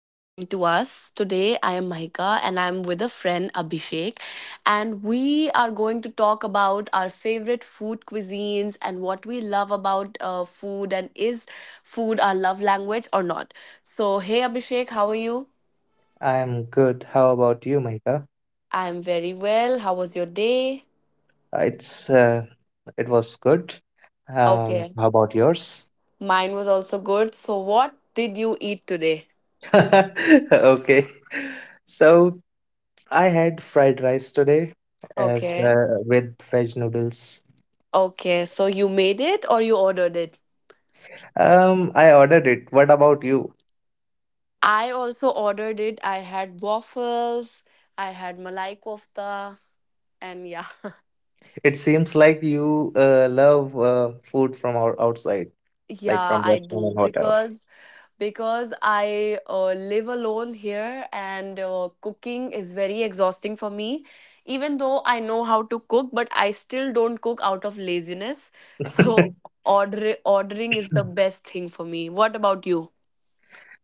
listening to us. Today, I am Mahika and I'm with a friend Abhishek, and we are going to talk about our favorite food cuisines and what we love about food, and is food our love language or not. So, hey Abhishek, how are you? I'm good. How about you, Mahika? I'm very well. How was your day? Uh, It's uh, it was good. Okay, How about yours? mine was also good. So, what did you eat today? Okay. So I had fried rice today as Okay. well with veg noodles. Okay, so you made it or you ordered it? I ordered it. What about you? I also ordered it. I had waffles, I had malai kofta, and yeah, It seems like you love food from outside, like yeah, from I restaurant do and hotels. because I live alone here, and cooking is very exhausting for me. Even though I know how to cook, but I still don't cook out of laziness. So ordering is the best thing for me. What about you?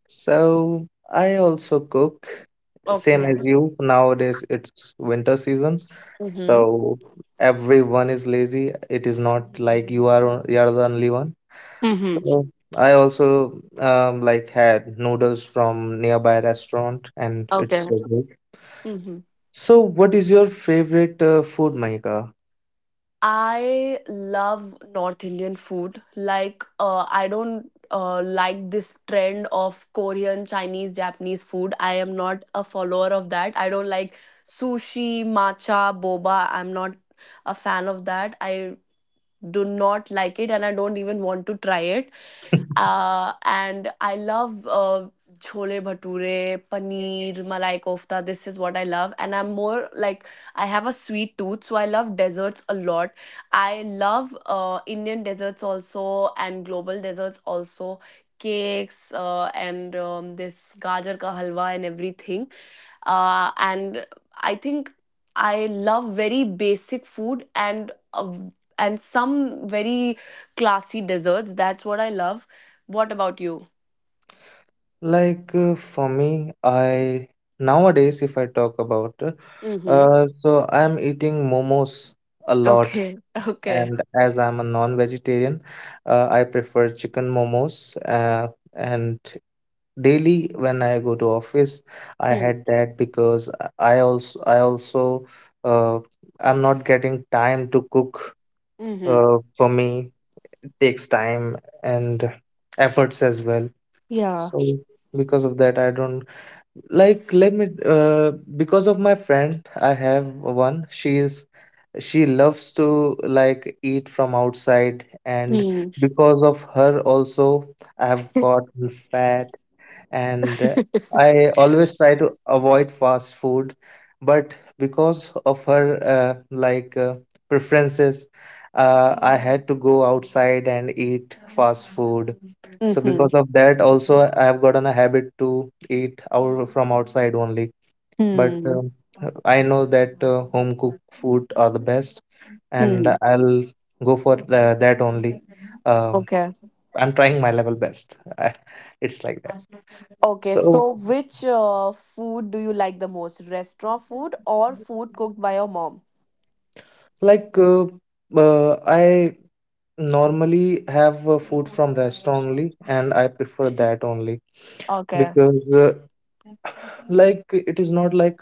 So I also cook, same Okay. as you. Nowadays it's winter season, Mm-hmm. so everyone is lazy. It is not like you are you are the only one. Mm-hmm. So I also like had noodles from nearby restaurant, and it's Okay. so good. Mm-hmm. So what is your favorite food, Mahika? I love North Indian food. Like, I don't like this trend of Korean, Chinese, Japanese food. I am not a follower of that. I don't like sushi, matcha, boba. I'm not a fan of that. I do not like it, and I don't even want to try it. And I love chole bhature, paneer, malai kofta. This is what I love. And I'm more like, I have a sweet tooth, so I love desserts a lot. I love Indian desserts also and global desserts also. Cakes and this gajar ka halwa, and everything, and I think I love very basic food, and some very classy desserts. That's what I love. What about you? Like for me, I nowadays if I talk about, Mm-hmm. So I'm eating momos a lot. Okay. Okay. And as I'm a non-vegetarian, I prefer chicken momos. And daily when I go to office, I Hmm. had that because I also I also uh, I'm not getting time to cook. Mm-hmm. For me, it takes time and efforts as well. Yeah. So because of that, I don't like. Let me. Because of my friend, I have one. She loves to like eat from outside, and Hmm. because of her also I have gotten fat, and I always try to avoid fast food, but because of her preferences, I had to go outside and eat fast food. So Mm-hmm. because of that also, I have gotten a habit to eat out from outside only. But Hmm. I know that home cooked food are the best, and Hmm. I'll go for that only. Um, Okay. I'm trying my level best. It's like that. Okay, So, so which food do you like the most? Restaurant food or food cooked by your mom? like, I normally have food from restaurant only, and I prefer that only Okay. because, like, it is not like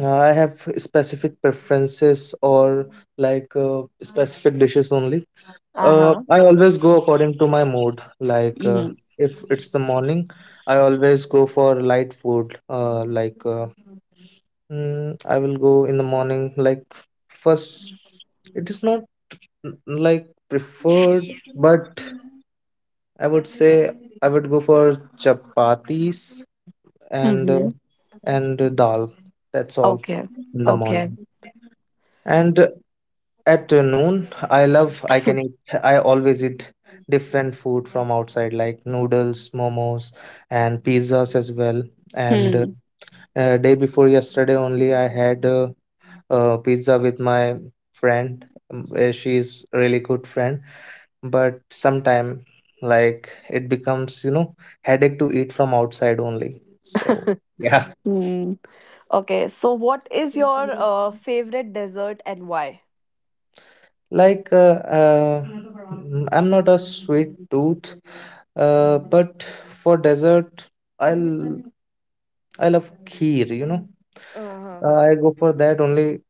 I have specific preferences or like specific dishes only. Uh-huh. I always go according to my mood. Like Mm-hmm. if it's the morning, I always go for light food. I will go in the morning. Like first, it is not like preferred, but I would say I would go for chapatis and uh, Mm-hmm. and dal. That's all Okay. in the morning. Okay. And at noon, I love I can eat I always eat different food from outside like noodles, momos, and pizzas as well. And uh, Hmm. uh, day before yesterday only I had pizza with my friend. She's really good friend, but sometime like it becomes headache to eat from outside only. So yeah. Hmm. Okay, so what is your favorite dessert and why? Like, I'm not a sweet tooth, but for dessert, I'll I love kheer. Uh-huh. I go for that only.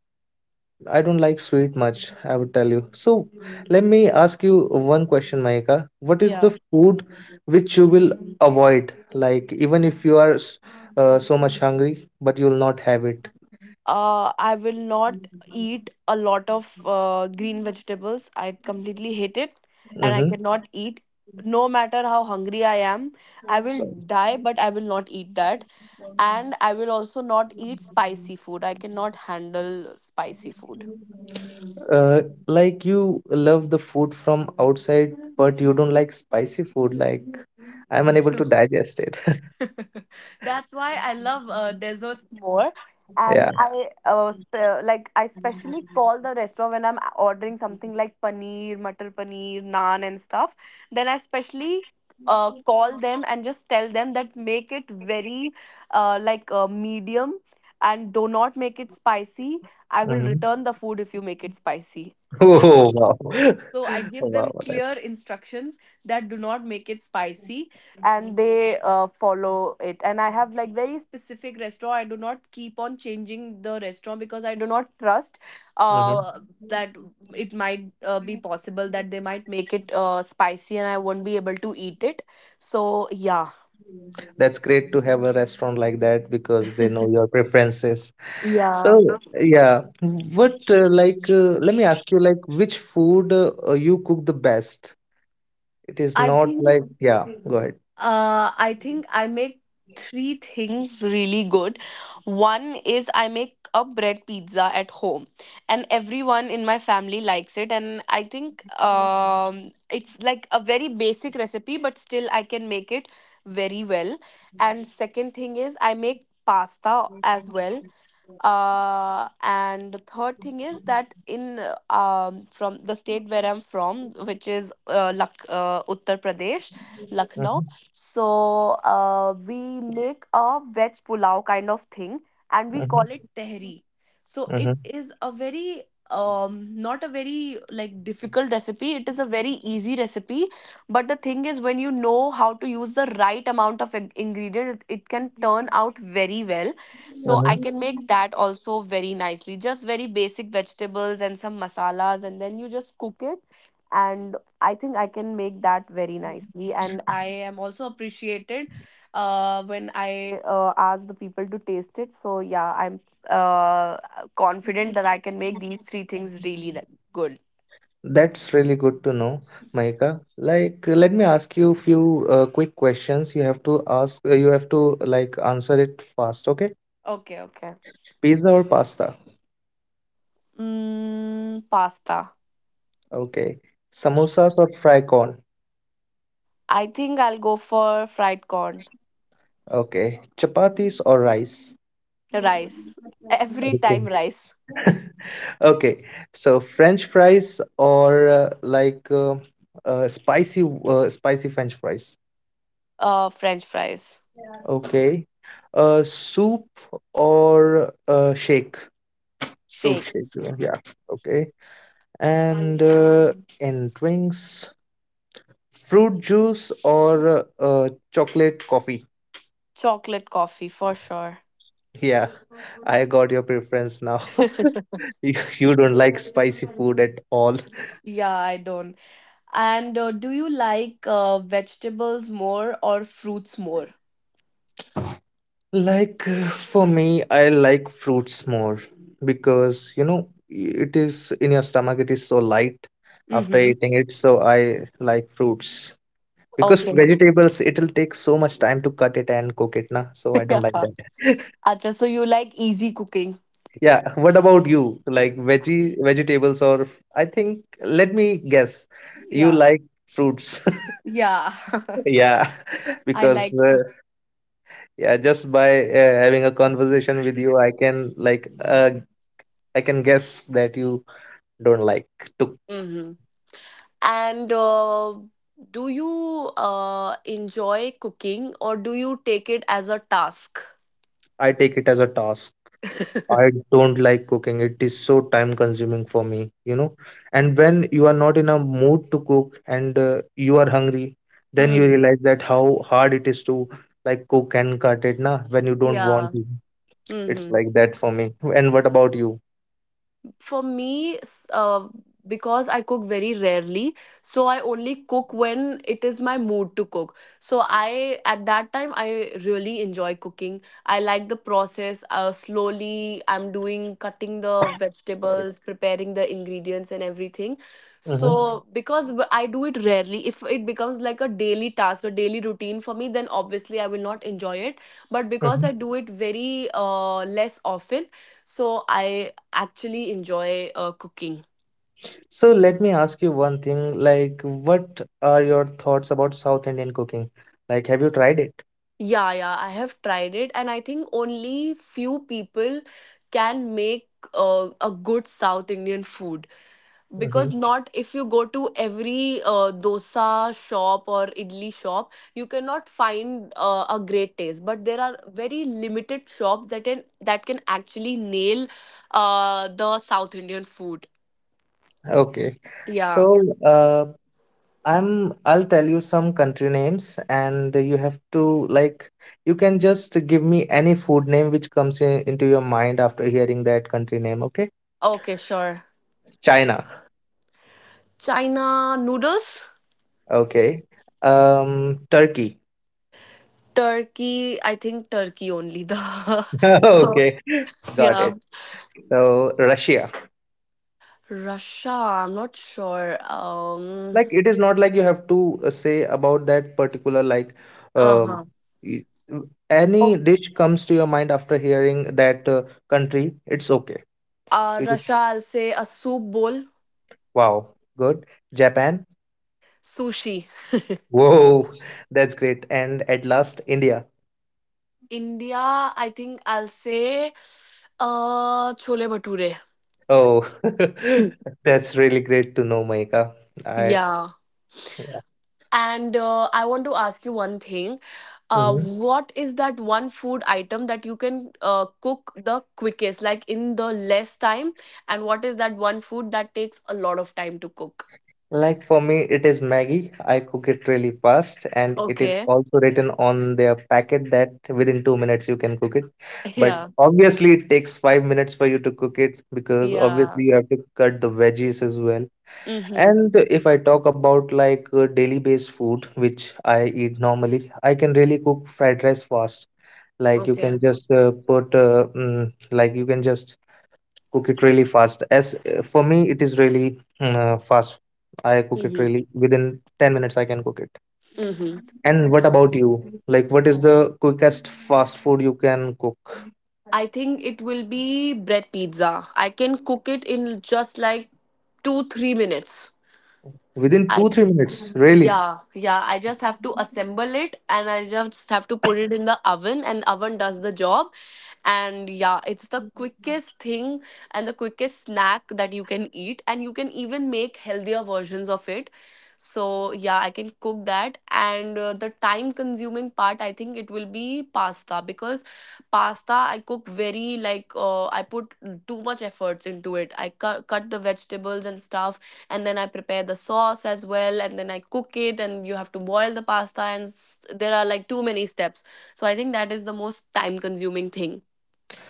I don't like sweet much, I would tell you. So, let me ask you one question, Mahika. What is the Yeah. food which you will avoid? Like, even if you are so much hungry, but you'll not have it. I will not eat a lot of green vegetables. I completely hate it, and I Mm-hmm. cannot eat. No matter how hungry I am, I will die, but I will not eat that. And I will also not eat spicy food. I cannot handle spicy food. Uh, like you love the food from outside, but you don't like spicy food. Like I'm unable to digest it. That's why I love desserts more. And Yeah. I specially call the restaurant when I'm ordering something like paneer, matar paneer, naan, and stuff. Then I specially call them and just tell them that make it very like, medium, and do not make it spicy. I will Hmm. return the food if you make it spicy. Oh wow. So I give Wow, them clear instructions that do not make it spicy, and they follow it. And I have like very specific restaurant. I do not keep on changing the restaurant, because I do not trust hmm uh, that it might be possible that they might make it spicy, and I won't be able to eat it. So yeah. That's great to have a restaurant like that because they know your preferences. Yeah. So yeah, what like let me ask you like which food you cook the best? It is I not think like Yeah. Go ahead. I make three things really good. One is I make a bread pizza at home, and everyone in my family likes it. And I think it's like a very basic recipe, but still I can make it very well. And second thing is I make pasta as well, and the third thing is that in uh, from the state where I'm from, which is Uttar Pradesh, Mm-hmm. Lucknow. So we make a veg pulao kind of thing, and we call Mm-hmm. it tehri. So it Mm-hmm. is a very, not a very, like, difficult recipe. It is a very easy recipe, but the thing is, when you know how to use the right amount of ingredient, it can turn out very well. So I can Mm-hmm. make that also very nicely. Just very basic vegetables and some masalas, and then you just cook it. And I think I can make that very nicely. And I am also appreciated when I ask the people to taste it. So yeah, I'm uh, confident that I can make these three things really good. That's really good to know, Mahika. Like, let me ask you a few quick questions. You have to like answer it fast, okay? Okay, okay. Pizza or pasta? Mm, pasta. Okay. Samosas or fry corn? I think I'll go for fried corn, Okay. Chapatis or rice? rice. Every Okay. time rice. Okay. So French fries or spicy spicy French fries? French fries. Okay. Soup or shake? Fruit shake. Shakes, Yeah. Okay. And in drinks, fruit juice or chocolate coffee? chocolate coffee for sure. Yeah, I got your preference now. You you, don't like spicy food at all. Yeah, I don't. And do you like vegetables more or fruits more? Like for me, I like fruits more because it is in your stomach. It is so light after Mm-hmm. eating it, so I like fruits because Okay. vegetables, it'll take so much time to cut it and cook it na, so I don't Yeah. like that. Acha, so you like easy cooking? Yeah, what about you? Like veggie vegetables or I think let me guess. You Yeah. like fruits. Yeah. Yeah. I Because like fruit. Yeah, just by having a conversation with you, I can guess that you don't like to. Mm-hmm. And do you enjoy cooking, or do you take it as a task? I take it as a toss. I don't like cooking. It is so time consuming for me. And when you are not in a mood to cook and you are hungry, then you Hmm. realize that how hard it is to like cook and cut it na when you don't Yeah. want to. It's Mm-hmm. like that for me. And what about you? For me, because I cook very rarely, so I only cook when it is my mood to cook. So I, at that time, I really enjoy cooking. I like the process. Slowly, I'm doing cutting the Sorry. vegetables, preparing the ingredients, and everything. Mm-hmm. So because I do it rarely, if it becomes like a daily task, a daily routine for me, then obviously I will not enjoy it. But because Mm-hmm. I do it very less often, so I actually enjoy cooking. So let me ask you one thing, like what are your thoughts about South Indian cooking? Like have you tried it? Yeah, yeah, I have tried it, and I think only few people can make a good South Indian food, because Mm-hmm. not if you go to every dosa shop or idli shop, you cannot find a great taste. But there are very limited shops that can actually nail the South Indian food. Okay. So Yeah. I'll tell you some country names, and you have to like you can just give me any food name which comes into your mind after hearing that country name, okay? Okay, sure. China. China noodles. Okay. Turkey. Turkey, I think Turkey only the oh, Okay. Got yeah. it. So Russia. Russia, I'm not sure. Um Like it is not like you have to say about that particular um uh-huh. y- any Oh, dish comes to your mind after hearing that country, it's okay. You just, Russia, I'll say a soup bowl, wow, good. Japan. sushi. Whoa, that's great. And at last, India. India, I think I'll say chole bhature. Oh, that's really great to know, Maika. I Yeah. Yeah. And I want to ask you one thing. Uh, Mhm. what is that one food item that you can cook the quickest, like in the less time? And what is that one food that takes a lot of time to cook? Like for me, it is Maggie. I cook it really fast, and it is Okay. also written on their packet that within 2 minutes you can cook it. But Yeah. obviously, it takes 5 minutes for you to cook it because Yeah. obviously you have to cut the veggies as well. Mm-hmm. And if I talk about like daily based food, which I eat normally, I can really cook fried rice fast. Like you Okay. can just like you can just cook it really fast. As For me, it is really fast. I cook it Mm-hmm. really within 10 minutes, I can cook it. Mm-hmm. And what about you? Like, what is the quickest fast food you can cook I think it will be bread pizza. I can cook it in just like 2, 3 minutes. within I two, 3 minutes? Really? yeah, yeah. I just have to assemble it, and I just have to put it in the oven, and oven does the job. And yeah, it's the quickest thing, and the quickest snack that you can eat, and you can even make healthier versions of it. So yeah, I can cook that. And the time consuming part, I think it will be pasta, because pasta I cook very like, I put too much efforts into it. I cut the vegetables and stuff, and then I prepare the sauce as well, and then I cook it. And you have to boil the pasta, and there are like too many steps. So I think that is the most time consuming thing.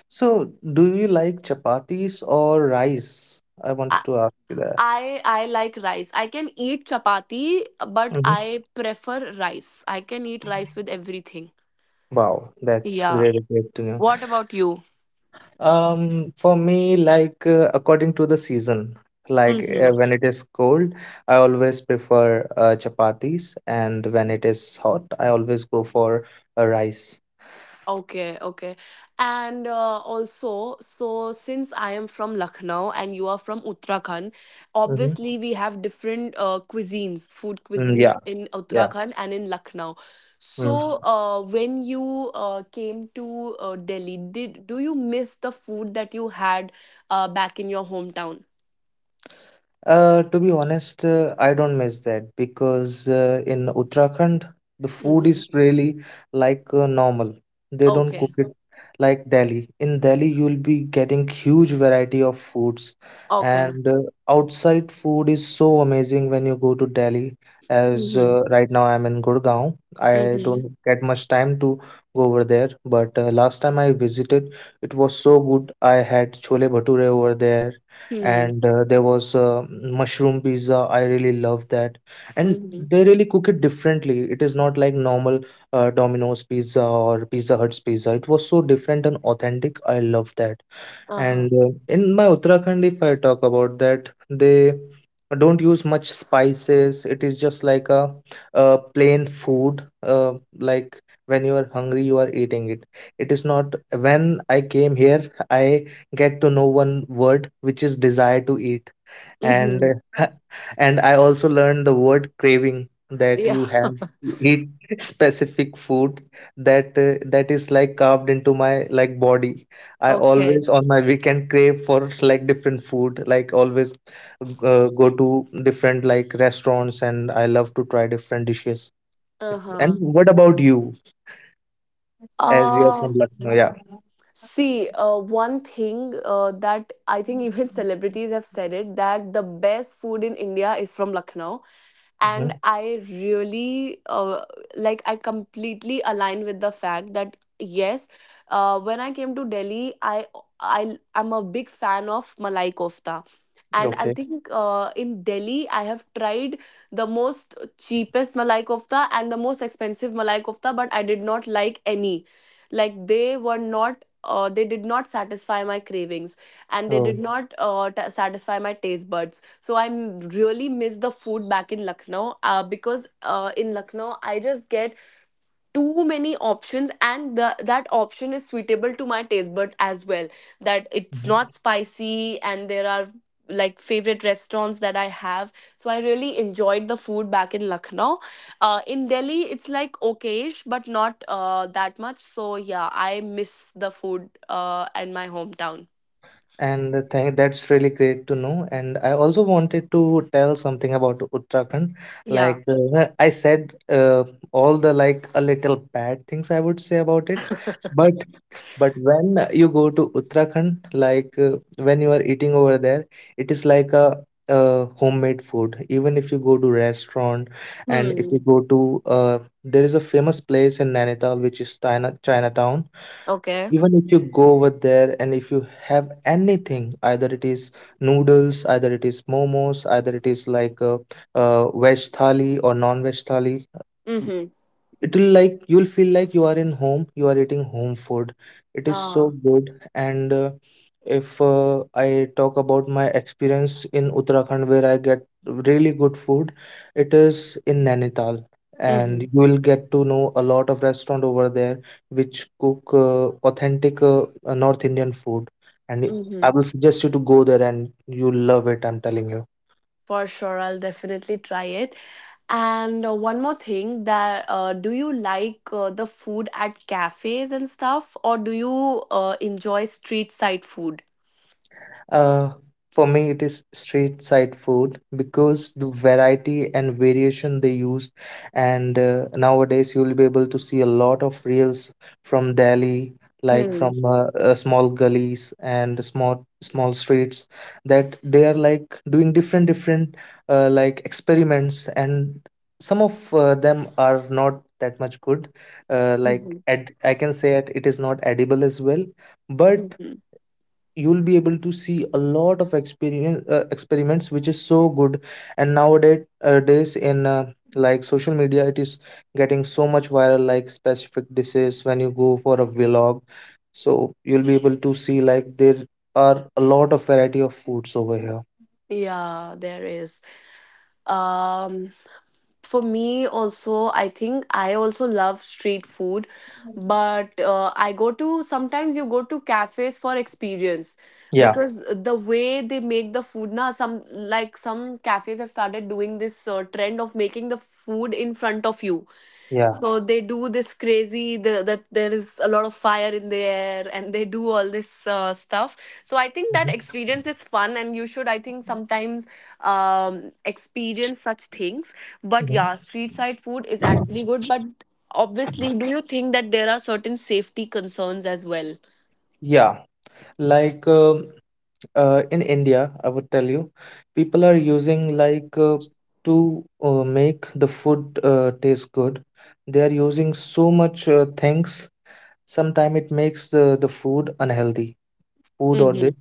So, do you like chapatis or rice? I wanted I to ask you that. I like rice. I can eat chapati, but Mm-hmm. I prefer rice. I can eat rice with everything. Wow, that's Yeah. really great to know. What about you? For me, like according to the season, like Hmm. when it is cold, I always prefer chapatis, and when it is hot, I always go for a rice. Okay, okay. And also, so since I am from Lucknow and you are from Uttarakhand, Mm-hmm. obviously we have different food Mm, yeah, cuisines in yeah. Uttarakhand and in Lucknow. Mm. So, when you came to Delhi, did do you miss the food that you had back in your hometown? To be honest, I don't miss that because in Uttarakhand, the food is Mm-hmm. really like normal. They don't cook Okay, it like Delhi. In Delhi, you'll be getting huge variety of foods, okay. and outside food is so amazing when you go to Delhi. As Mm-hmm. Right now, I'm in Gurgaon. I Mm-hmm. don't get much time to go over there, but last time I visited, it was so good. I had chole bhature over there, Hmm. and there was mushroom pizza. I really love that. And Mm-hmm. they really cook it differently. It is not like normal Domino's pizza or Pizza Hut's pizza. It was so different and authentic. I love that. Uh-huh. And in my Uttarakhand, if I talk about that, they don't use much spices. It is just like a plain food. Like when you are hungry, you are eating it. It is not. When I came here, I get to know one word which is desire to eat, and Mm-hmm. and I also learned the word craving that Yeah. you have to eat specific food that is like carved into my like body. I Okay. always on my weekend crave for like different food, like always go to different like restaurants, and I love to try different dishes. And Uh-huh. what about you as you're from Uh, Lucknow? Yeah. see, one thing that I think even celebrities have said it, that the best food in India is from Lucknow, and Hmm. I really, like, I completely align with the fact that yes, when I came to Delhi, I'm a big fan of malai kofta. And I Okay. think in Delhi I have tried the most cheapest malai kofta and the most expensive malai kofta, but I did not like any. Like, they did not satisfy my cravings, and they Oh. did not satisfy my taste buds. So I really miss the food back in Lucknow, because in Lucknow I just get too many options, and that option is suitable to my taste bud as well. That it's not spicy, and there are like favorite restaurants that I have. So I really enjoyed the food back in Lucknow. In Delhi it's like okayish, but not that much. So yeah, I miss the food and my hometown. And that's really great to know. And I also wanted to tell something about Uttarakhand. Yeah. Like I said, all the like a little bad things I would say about it. But but when you go to Uttarakhand, like when you are eating over there, it is like a homemade food. Even if you go to restaurant, and if you Hmm. go to, there is a famous place in Nainital which is Chinatown. Okay. Even if you go over there and if you have anything, either it is noodles, either it is momos, either it is like a, veg thali or non-veg thali, Mm-hmm. it will like you'll feel like you are in home, you are eating home food. It is so Ah. good. And if I talk about my experience in Uttarakhand where I get really good food, it is in Nainital. And Mm-hmm. you will get to know a lot of restaurant over there which cook authentic, North Indian food. And I Hmm. will suggest you to go there, and you love it, I'm telling you. For sure, I'll definitely try it. And one more thing, that do you like the food at cafes and stuff, or do you enjoy street side food? Uh, for me, it is street side food because the variety and variation they use, and nowadays you'll be able to see a lot of reels from Delhi, like Hmm. from small gullies and small small streets, that they are like doing different different like experiments, and some of them are not that much good. Like, Mm-hmm. ed I can say it, it is not edible as well, but Mm-hmm. you'll be able to see a lot of experience experiments which is so good, and nowadays days in like social media, it is getting so much viral, like specific dishes when you go for a vlog, so you'll be able to see like there are a lot of variety of foods over here. Yeah, there is. Um, for me also, I think I also love street food, but I go to sometimes you go to cafes for experience Yeah, because the way they make the food na, some like some cafes have started doing this trend of making the food in front of you. yeah. So they do this crazy that there is a lot of fire in the air, and they do all this stuff. So I think that Hmm, experience is fun, and you should I think sometimes experience such things. But hmm. yeah, street side food is actually good. But obviously, do you think that there are certain safety concerns as well? Yeah. Like in India, I would tell you, people are using like to make the food taste good. They are using so much things. Sometimes it makes the food unhealthy, food or dish, Mm-hmm.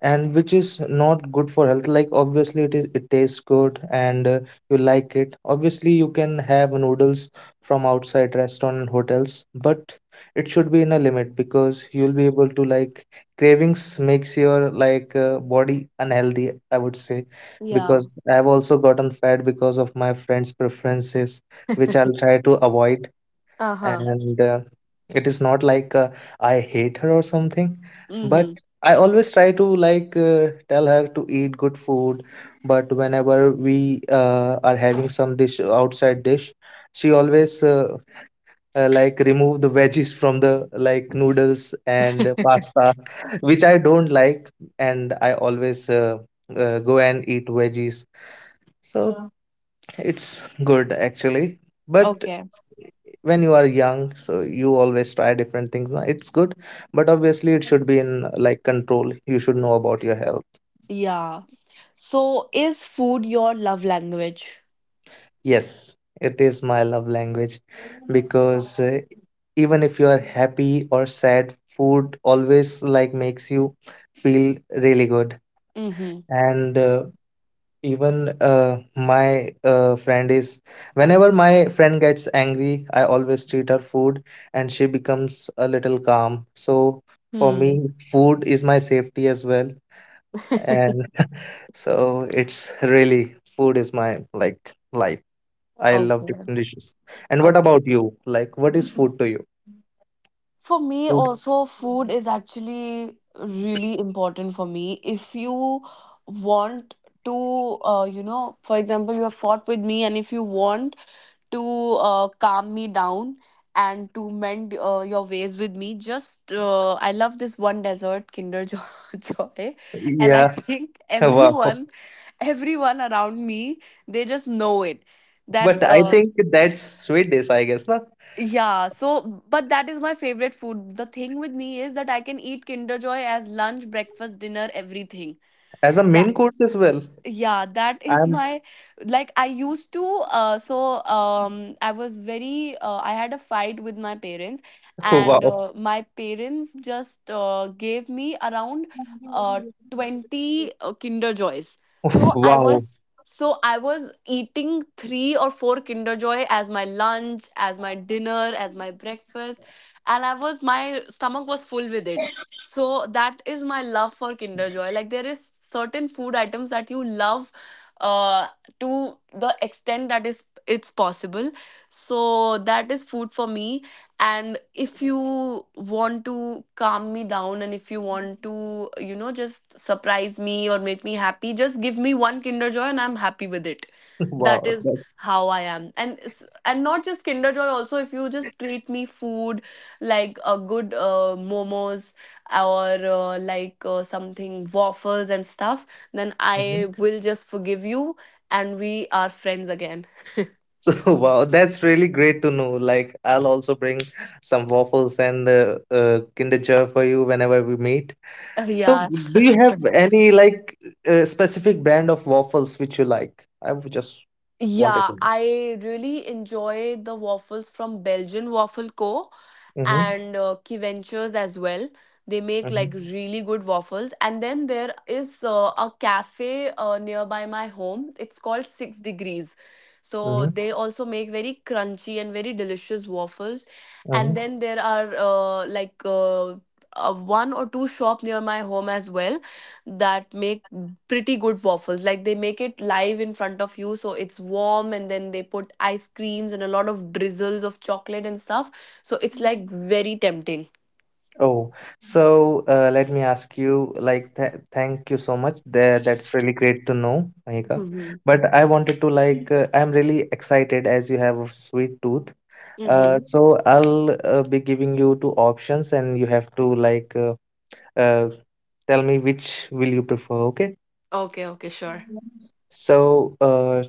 and which is not good for health. Like, obviously it tastes good, and you like it. Obviously you can have noodles from outside restaurant and hotels, but it should be in a limit because you'll be able to like, cravings makes your like body unhealthy, I would say, Yeah. because I've also gotten fat because of my friend's preferences, which I'll try to avoid. Uh huh. And it is not like I hate her or something, but Mm-hmm. I always try to like tell her to eat good food. But whenever we are having some dish, outside dish, she always like remove the veggies from the like noodles and pasta, which I don't like, and I always go and eat veggies. So it's good actually. But Okay. when you are young, so you always try different things, na? It's good, but obviously it should be in like control. You should know about your health. Yeah. So, is food your love language? Yes, it is my love language, because even if you are happy or sad, food always like makes you feel really good. Mm-hmm. And even my friend is, whenever my friend gets angry, I always treat her food and she becomes a little calm. So for me, Hmm. food is my safety as well. And so it's really, food is my like life. I love Okay. different dishes. And what Okay. about you? Like, what is food to you? For me, Food? also, food is actually really important for me. If you want to, you know, for example, you have fought with me, and if you want to calm me down and to mend your ways with me, just I love this one dessert, Kinder Jo- Joy, and I Yeah. think Wow. everyone, everyone around me, they just know it. That But I think that's sweet dish, I guess, na? yeah, so but that is my favorite food. The thing with me is that I can eat Kinder Joy as lunch, breakfast, dinner, everything. As a main course as well. Yeah, that is I'm my, like I used to So I was very I had a fight with my parents, and wow. My parents just gave me around uh, 20 kinder joys. so i Wow. was I was eating three or four kinder joy as my lunch, as my dinner, as my breakfast, and I was my stomach was full with it. So that is my love for Kinder Joy. Like there is certain food items that you love uh to the extent that is it's possible. So that is food for me. And if you want to calm me down and if you want to, you know, just surprise me or make me happy, just give me one Kinder Joy and I'm happy with it. That Wow, is that- how I am. And s- and not just Kinder Joy, also if you just treat me food like a good momos or like something waffles and stuff, then I mhm. will just forgive you and we are friends again. So wow, that's really great to know. Like, I'll also bring some waffles and Kinder Joy for you whenever we meet. So, Yeah. do you have any like specific brand of waffles which you like? I would just wanted Yeah, to. I really enjoy the waffles from Belgian Waffle Co. Mm-hmm. and Key Ventures as well. They make Mm-hmm. like really good waffles. And then there is a cafe nearby my home. It's called Six Degrees. So Mm-hmm. they also make very crunchy and very delicious waffles. And Mm-hmm. then there are like one or two shop near my home as well that make pretty good waffles. Like they make it live in front of you, so it's warm, and then they put ice creams and a lot of drizzles of chocolate and stuff. So it's like very tempting. Oh, so let me ask you. Like, th thank you so much. There, that's really great to know, Mahika. Mm-hmm. But I wanted to like, I'm really excited as you have a sweet tooth. Uh, Mm-hmm. so I'll be giving you two options, and you have to like uh, tell me which will you prefer. Okay. Okay, okay, sure. So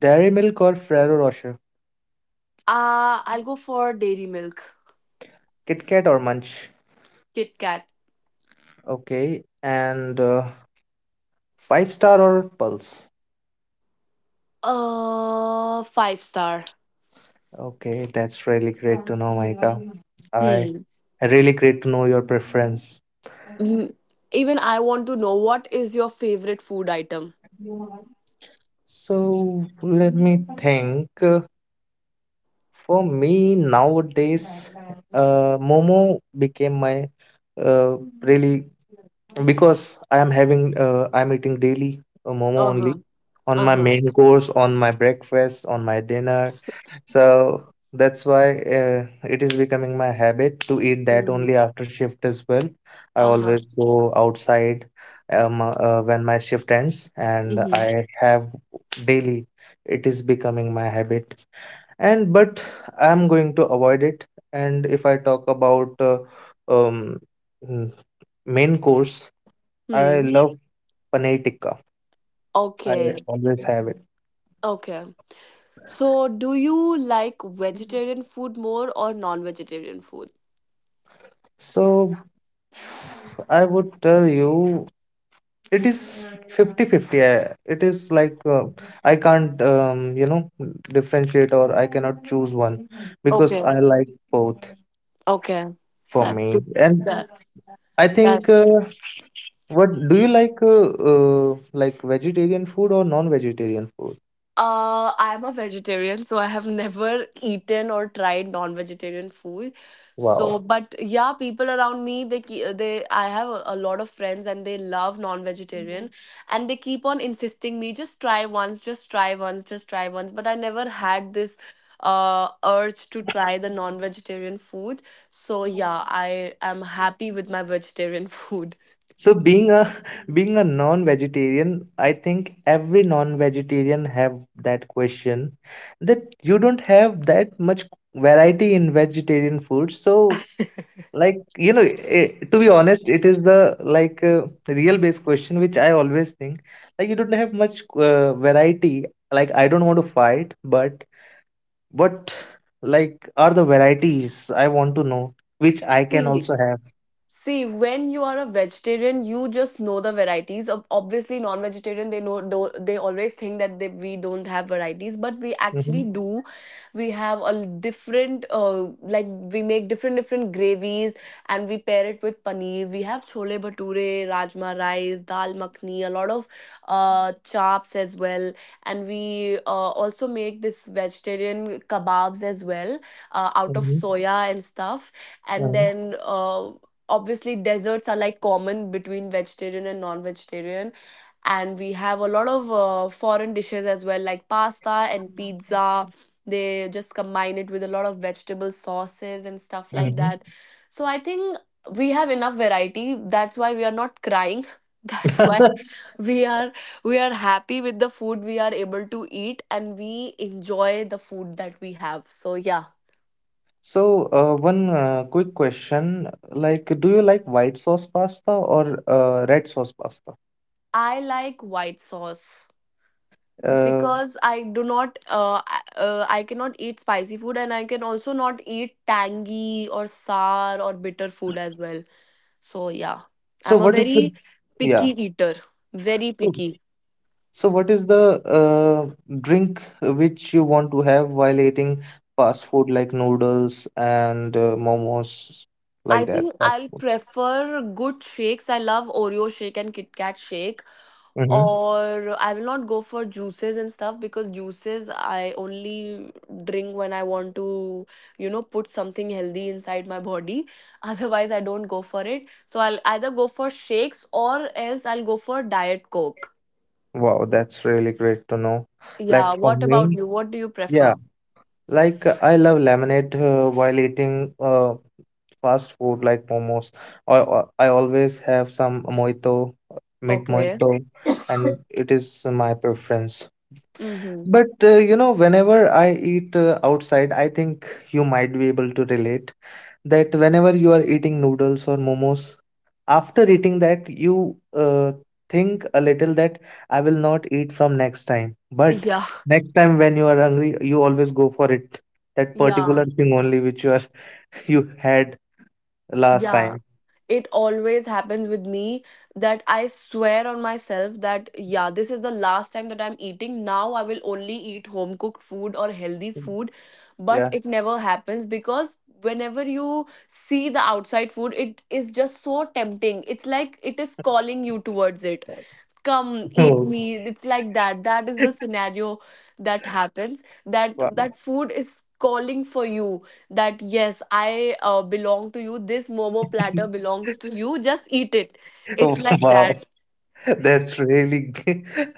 Dairy Milk or Ferrero Rocher, I'll go for Dairy Milk, Kit Kat or Munch. Kit Kat. Okay, and Five Star or Pulse. Five star. Okay, that's really great to know, Maika. I Hmm. really great to know your preference. Mm, even I want to know, what is your favorite food item? So let me think. For me nowadays, Momo became my uh, really, because I am having I'm eating daily Momo Uh only, huh. on Uh my huh. main course, on my breakfast, on my dinner. So that's why it is becoming my habit to eat that Mm-hmm. only after shift as well. I Uh huh. always go outside when my shift ends, and Mm-hmm. I have daily. It is becoming my habit, and but I'm going to avoid it. And if I talk about um mm, main course, I Hmm. love paneer tikka. I Okay. always have it. Okay. So, do you like vegetarian food more or non-vegetarian food? So I would tell you it is 50-50. I It is like I can't differentiate, or I cannot choose one because Okay. I like both, Okay. for That's me. good. And That I think, what do you like, like, vegetarian food or non vegetarian food? I'm a vegetarian, so I have never eaten or tried non-vegetarian food. So, wow. Wow. But yeah, people around me, they ke- they I have a lot of friends and they love non-vegetarian, and they keep on insisting me, just try once, just try once, just try once. But I never had this urge to try the non-vegetarian food. So yeah, I am happy with my vegetarian food. So being a being a non-vegetarian, I think every non-vegetarian have that question, that you don't have that much variety in vegetarian food. So, like, you know, eh, to be honest, it is the like real based question which I always think, like, you don't have much variety. Like, I don't want to fight, but what, like, are the varieties I want to know which I can See. also have. See, when you are a vegetarian, you just know the varieties. Ob- Obviously, non-vegetarian, they know do they always think that they, we don't have varieties, but we actually Mm-hmm. do. We have a l- different, like we make different different gravies, and we pair it with paneer. We have chole bhature, rajma rice, dal makhni, a lot of chops as well, and we also make this vegetarian kebabs as well, out of Mm-hmm. soya and stuff, and Mm-hmm. then obviously desserts are like common between vegetarian and non-vegetarian, and we have a lot of foreign dishes as well like pasta and pizza. They just combine it with a lot of vegetable sauces and stuff like Mm-hmm. that. So I think we have enough variety, that's why we are not crying that's why we are we are happy with the food we are able to eat, and we enjoy the food that we have, so yeah. So, one quick question, like, do you like white sauce pasta or red sauce pasta? I like white sauce Uh, because I do not, I cannot eat spicy food, and I can also not eat tangy or sour or bitter food as well. So yeah, so, I'm a what is the, very yeah? picky eater, very Mm. picky. So, what is the drink which you want to have while eating fast food like noodles and momos, I like that? think Fast I'll food. prefer good shakes. I love Oreo shake and Kit Kat shake. Hmm. Or I will not go for juices and stuff because juices I only drink when I want to, you know, put something healthy inside my body. Otherwise, I don't go for it. So I'll either go for shakes or else I'll go for diet coke. Wow, that's really great to know. Yeah, Like for what about me, you? What do you yeah, prefer? like I love lemonade while eating fast food like momos. I always have some mojito, mint Okay. mojito, and it is my preference. Mm-hmm. But you know, whenever I eat outside, I think you might be able to relate that whenever you are eating noodles or momos, after eating that, you think a little that I will not eat from next time. But Yeah. next time when you are hungry, you always go for it. That Yeah. particular thing only which you are you had last Yeah. time. It always happens with me that I swear on myself that yeah, this is the last time that I'm eating. Now I will only eat home cooked food or healthy food, but Yeah. it never happens because whenever you see the outside food, it is just so tempting. It's like it is calling you towards it, come eat me, it's like that. That is the scenario that happens, that Oh, that wow. food is calling for you, that yes, I belong to you, this momo platter belongs to you, just eat it. It's like Wow. that. That's really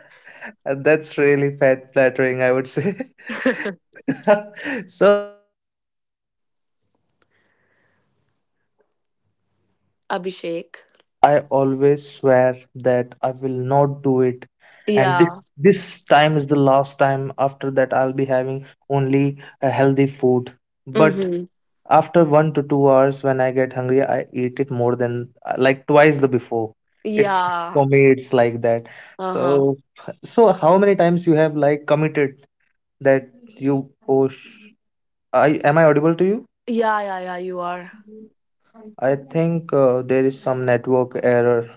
that's really fat flattering, I would say. So, uh, let me tell you that whenever I go Abhishek. outside, I always swear that I will not do it. And this Yeah. this time is the last time. After that, I'll be having only a healthy food. But Mm-hmm. after 1 to 2 hours, when I get hungry, I eat it more than like twice the before. It's Yeah. for me, it's like that. Uh-huh. So, so, how many times you have like committed that you, oh, sh, I, am I audible to you? Yeah, yeah, yeah, you are. I think there is some network error.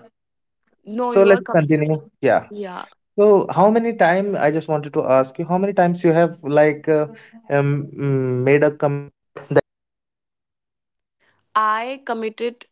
No, So you are let's com- continue. Yeah. Yeah, So, how many time I just wanted to ask you, how many times you have like um, mm, I committed